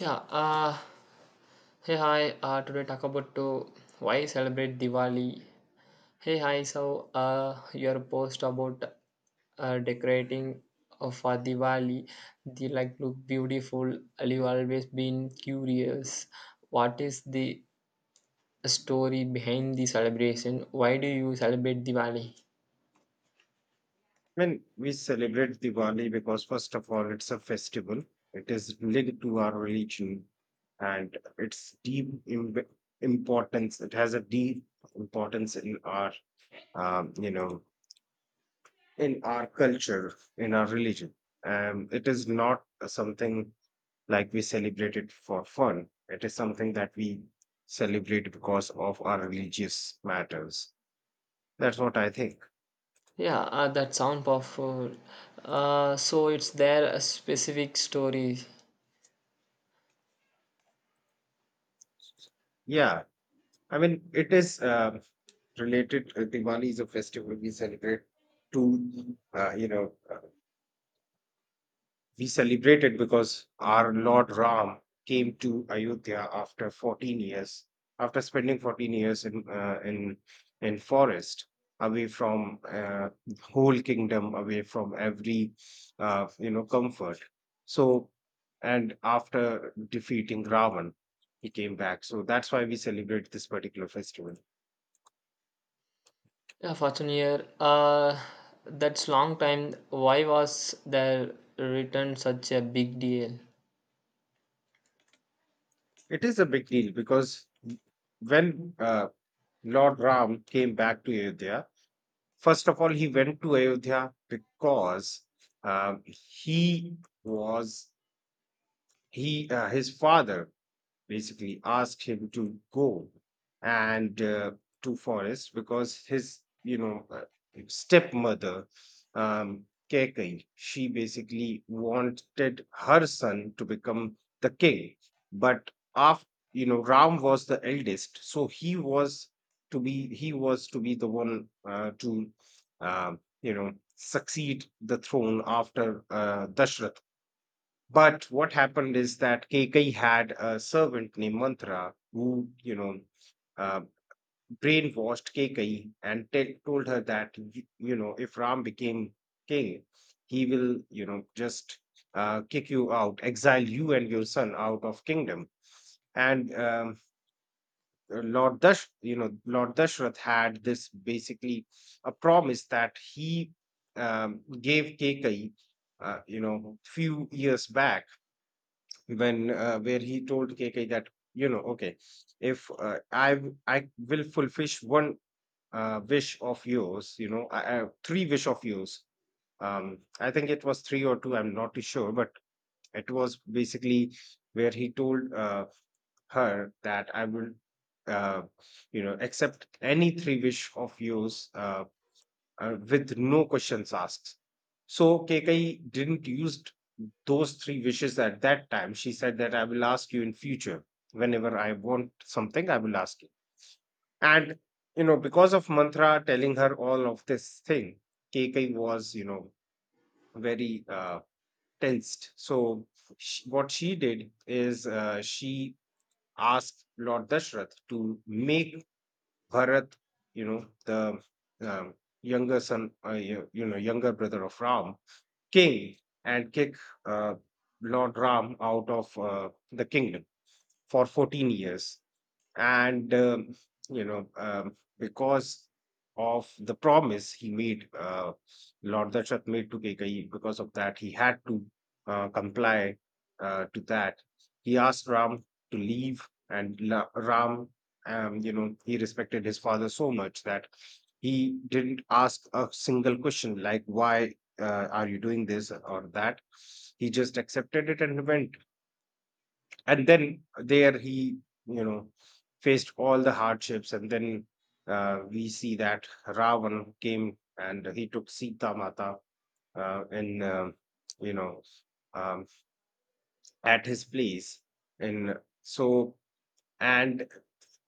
Yeah, hey hi, today talk about to why celebrate Diwali. Hey hi, so your post about decorating for Diwali, they like look beautiful. I've always been curious, what is the story behind the celebration? Why do you celebrate Diwali? When we celebrate Diwali, because first of all, it's a festival, it is linked to our religion, and importance. It has a deep importance in our, um, you know, in our culture, in our religion. It is not something like we celebrate it for fun. It is something that we celebrate because of our religious matters. That's what I think. Yeah, that sound powerful. So it's there a specific story. Yeah, I mean, it is related. Diwali is a festival we celebrate to we celebrate it because our Lord Ram came to Ayodhya after 14 years, after spending 14 years in forest, away from whole kingdom, away from every comfort. So, and after defeating Ravan, he came back. So that's why we celebrate this particular festival. Yeah, Fortune. Uh, that's long time. Why was the return such a big deal? It is a big deal because when Lord Ram came back to Ayodhya. First of all, he went to Ayodhya because he was he his father basically asked him to go and to forest because his stepmother um Keikei, she basically wanted her son to become the king. But after, you know, Ram was the eldest, so he was to be the one to uh, you know, succeed the throne after Dashrath. But what happened is that Kekai had a servant named Mantra who, you know, uh, brainwashed Kekai and told her that, you know, if Ram became king, he will, you know, just kick you out, exile you and your son out of kingdom. And Lord Dash, you know, Lord Dashrath had this basically a promise that he gave Kekai, you know, few years back when where he told KK that, you know, okay, if I will fulfill one wish of yours, you know, three wish of yours. Um, I think it was three or two, I'm not too sure, but it was basically where he told her that I will, uh, you know, accept any three wish of yours, with no questions asked. So KK didn't use those three wishes at that time, she said that I will ask you in future. Whenever I want something, I will ask you. And you know, because of Mantra telling her all of this thing, KK was, you know, very tensed. So sh what she did is, she asked Lord Dashrath to make Bharat, you know, the um, younger son, you know, younger brother of Ram, king, and kick uh, Lord Ram out of the kingdom for 14 years. And because of the promise he made, Lord Dashath made to KKi, because of that he had to comply to that. He asked Ram to leave and Ram, you know, he respected his father so much that he didn't ask a single question like, why are you doing this or that. He just accepted it and went, and then there he, you know, faced all the hardships. And then we see that Ravan came and he took Sita Mata in you know um, at his place. And so and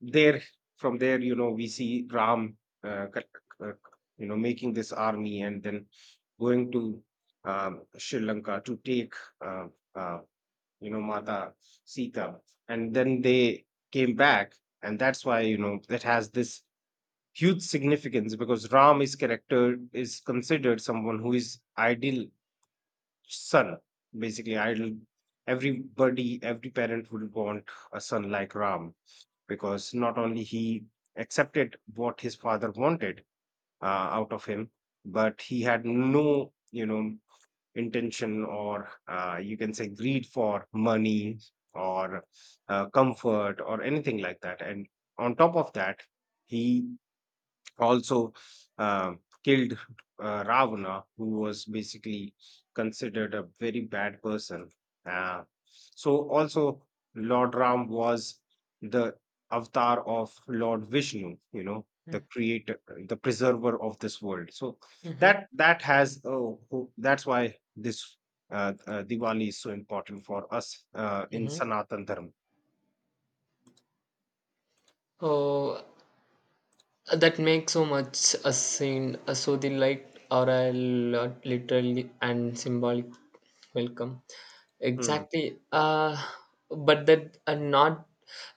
there, from there, you know, we see Ram, uh, c- c- you know, making this army and then going to, um, Sri Lanka to take, uh, uh, you know, Mata Sita, and then they came back. And that's why, you know, that has this huge significance because Ram is character is considered someone who is ideal son, basically ideal. Everybody, every parent would want a son like Ram because not only he accepted what his father wanted out of him, but he had no, you know, intention or, you can say, greed for money or comfort or anything like that. And on top of that, he also killed Ravana, who was basically considered a very bad person. So, also, Lord Ram was the avatar of Lord Vishnu, you know, the creator, the preserver of this world. So, Mm-hmm. That's why this Diwali is so important for us in Mm-hmm. Sanatan Dharma. Oh, that makes so much a scene. So the light or a lot literally and symbolic welcome. Mm, Exactly. But that are not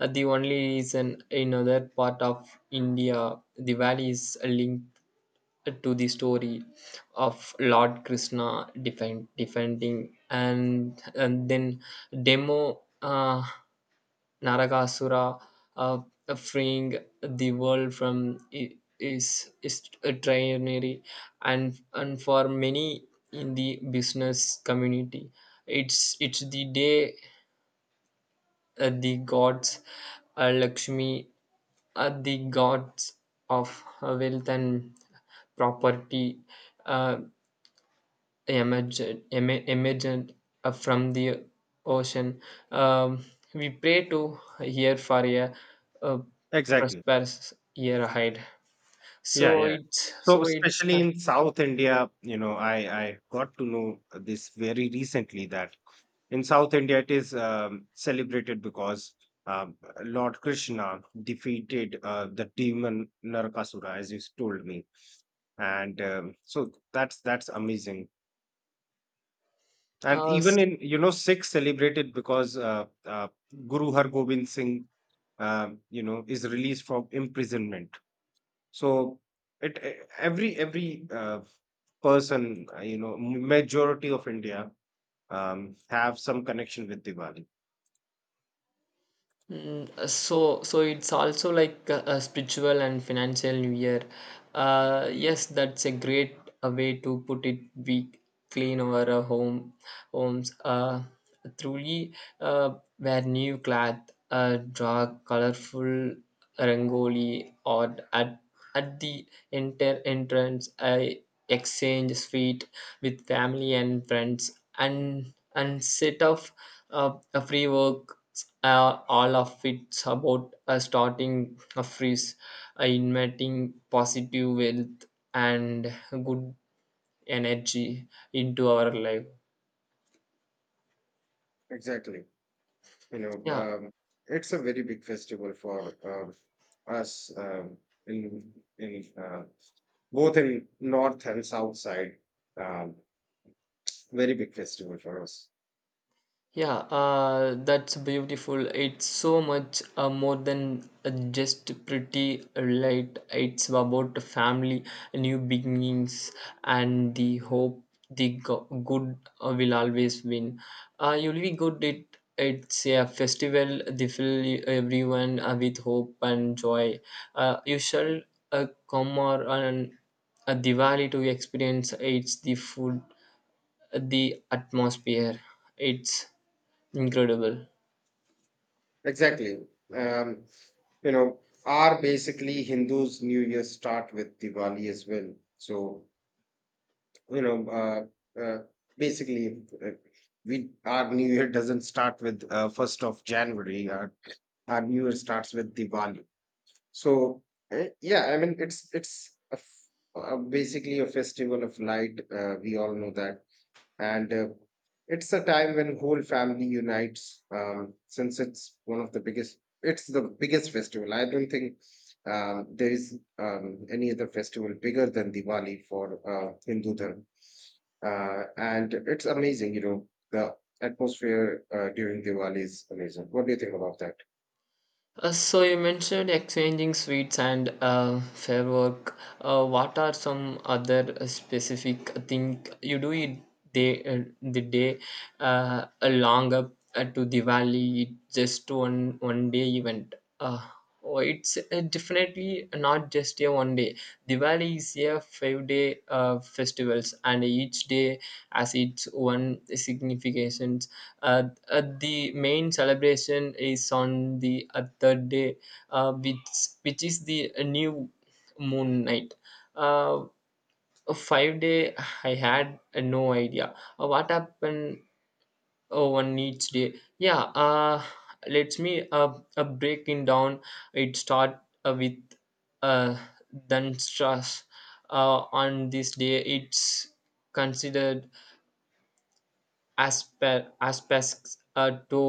the only reason in other part of India. The valley is linked to the story of Lord Krishna defending and then demo Naragasura, uh, freeing the world from is a trinary and for many in the business community it's the day, the gods, Lakshmi, are the gods of wealth and property, uh, emerged emergent, from the ocean. Um, we pray to here for a exactly. prosperous year ahead. Yeah, yeah. So So it's especially in South India, you know, I got to know this very recently that in South India it is celebrated because um, Lord Krishna defeated the demon Narakasura, as you told me. And so that's amazing. And uh, even in, you know, Sikhs celebrated because Guru Har Gobind Singh, you know, is released from imprisonment. So it, every person, you know, majority of India have some connection with Diwali. so it's also like a spiritual and financial new year. Yes, that's a great way to put it. We clean our homes. Truly, wear new cloth, draw colorful rangoli, or at the enter entrance, I exchange sweet with family and friends, and set off a free work. All of it's about starting a freeze, inviting positive wealth and good energy into our life. Exactly. You know, Yeah, it's a very big festival for us, in in uh, both in north and south side. Um, very big festival for us. yeah, that's beautiful. It's so much more than just pretty light. It's about family, new beginnings, and the hope the good will always win. You'll be good. It's a festival. They fill everyone with hope and joy. You shall come or on a Diwali to experience. It's the food, the atmosphere. It's incredible. Exactly. Um, you know, our basically Hindus' New Year start with Diwali as well. So you know, basically, we our new year doesn't start with first of January. Our new year starts with Diwali. So yeah, I mean, it's basically a festival of light. We all know that, and it's a time when whole family unites. Since it's one of the biggest, it's the biggest festival. I don't think there is any other festival bigger than Diwali for Hindu Dharma. And it's amazing, you know, the atmosphere during Diwali is amazing. What do you think about that? So you mentioned exchanging sweets and firework. What are some other specific thing you do it day, the day, along up, to Diwali? Just one day event. Oh, it's definitely not just a one day. Diwali is a 5 day festivals, and each day has its own significance. The main celebration is on the other day, uh, which which is the new moon night. Uh, 5 day, I had no idea what happened on each day. Yeah, let me, breaking down. It start with, uh, then stress. On this day, it's considered as aspects, to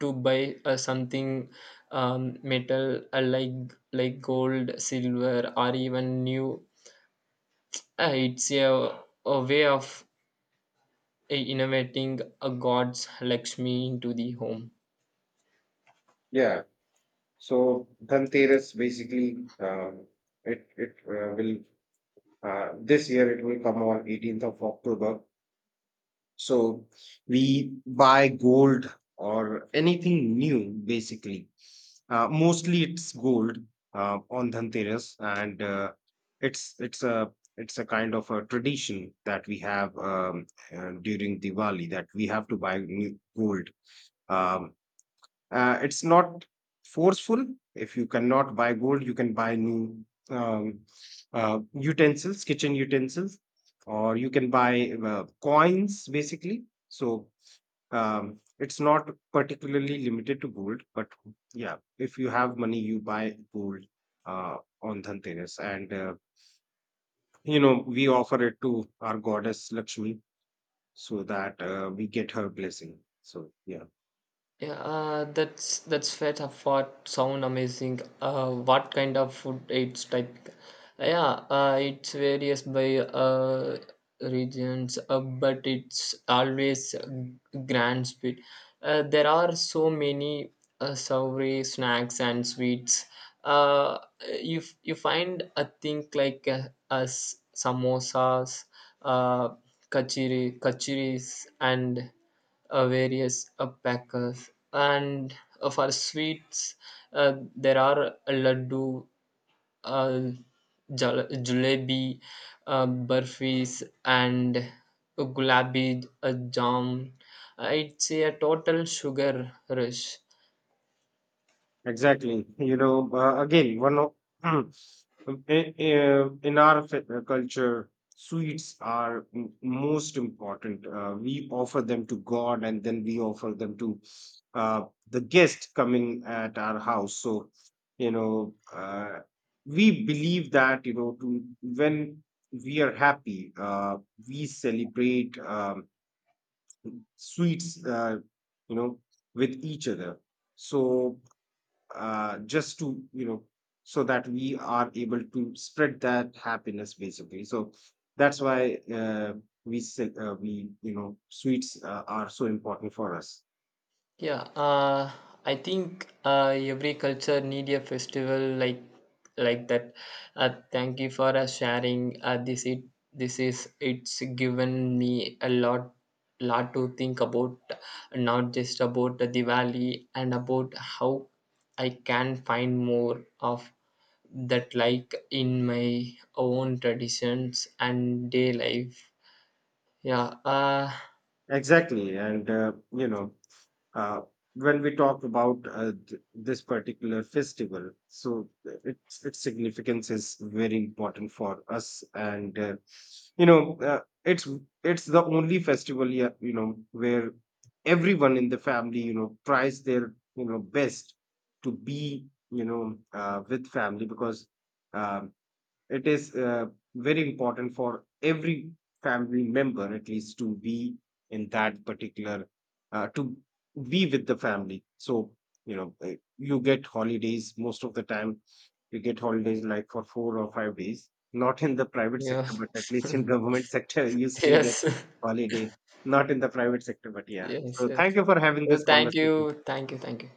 to buy something, metal, uh, like like gold silver or even new. It's a way of innovating a god's lakshmi into the home. Yeah. So Dhanteras basically, it it will this year it will come on 18th of October. So we buy gold or anything new, basically. Mostly it's gold on Dhanteras, and uh, it's it's a it's a kind of a tradition that we have, during Diwali, that we have to buy new gold. Um, it's not forceful. If you cannot buy gold, you can buy new, um, utensils, kitchen utensils, or you can buy coins, basically. So, it's not particularly limited to gold, but yeah, if you have money, you buy gold on Dhanteras. And you know, we offer it to our goddess Lakshmi so that we get her blessing. So yeah, Yeah, that's fair. Tough thought. Sound amazing. What kind of food it's type? Yeah, it's varies by regions, but it's always grand speed. There are so many savory snacks and sweets. Uh, you find a thing like, as samosas, uh, kachiris, and various packers, and for sweets, there are laddu, uh, jalebi, uh, burfis, and gulabi uh, jam. It's a total sugar rush. exactly. You know, again, one of um, in our culture, sweets are most important. We offer them to God and then we offer them to the guest coming at our house. So, you know, we believe that, you know, to, when we are happy, we celebrate sweets, you know, with each other. So, just to, you know, so that we are able to spread that happiness, basically. So that's why we say, we, you know, sweets are so important for us. Yeah, I think every culture need a festival like that. Thank you for sharing. This it this is it's given me a lot to think about, not just about the Diwali and about how I can find more of that like in my own traditions and day life. Yeah. Uh, Exactly. And uh, when we talk about this particular festival, so its significance is very important for us. And it's the only festival, yeah, you know, where everyone in the family, you know, tries their, you know, best to be, you know, with family because um, it is very important for every family member at least to be in that particular to be with the family. So you know, you get holidays most of the time. You get holidays like for four or five days, not in the private yeah. sector, but at least in government sector you still get Yes. holiday, not in the private sector. But yeah, Yes, so yes. thank you for having Well, this thank conversation. you, thank you, thank you.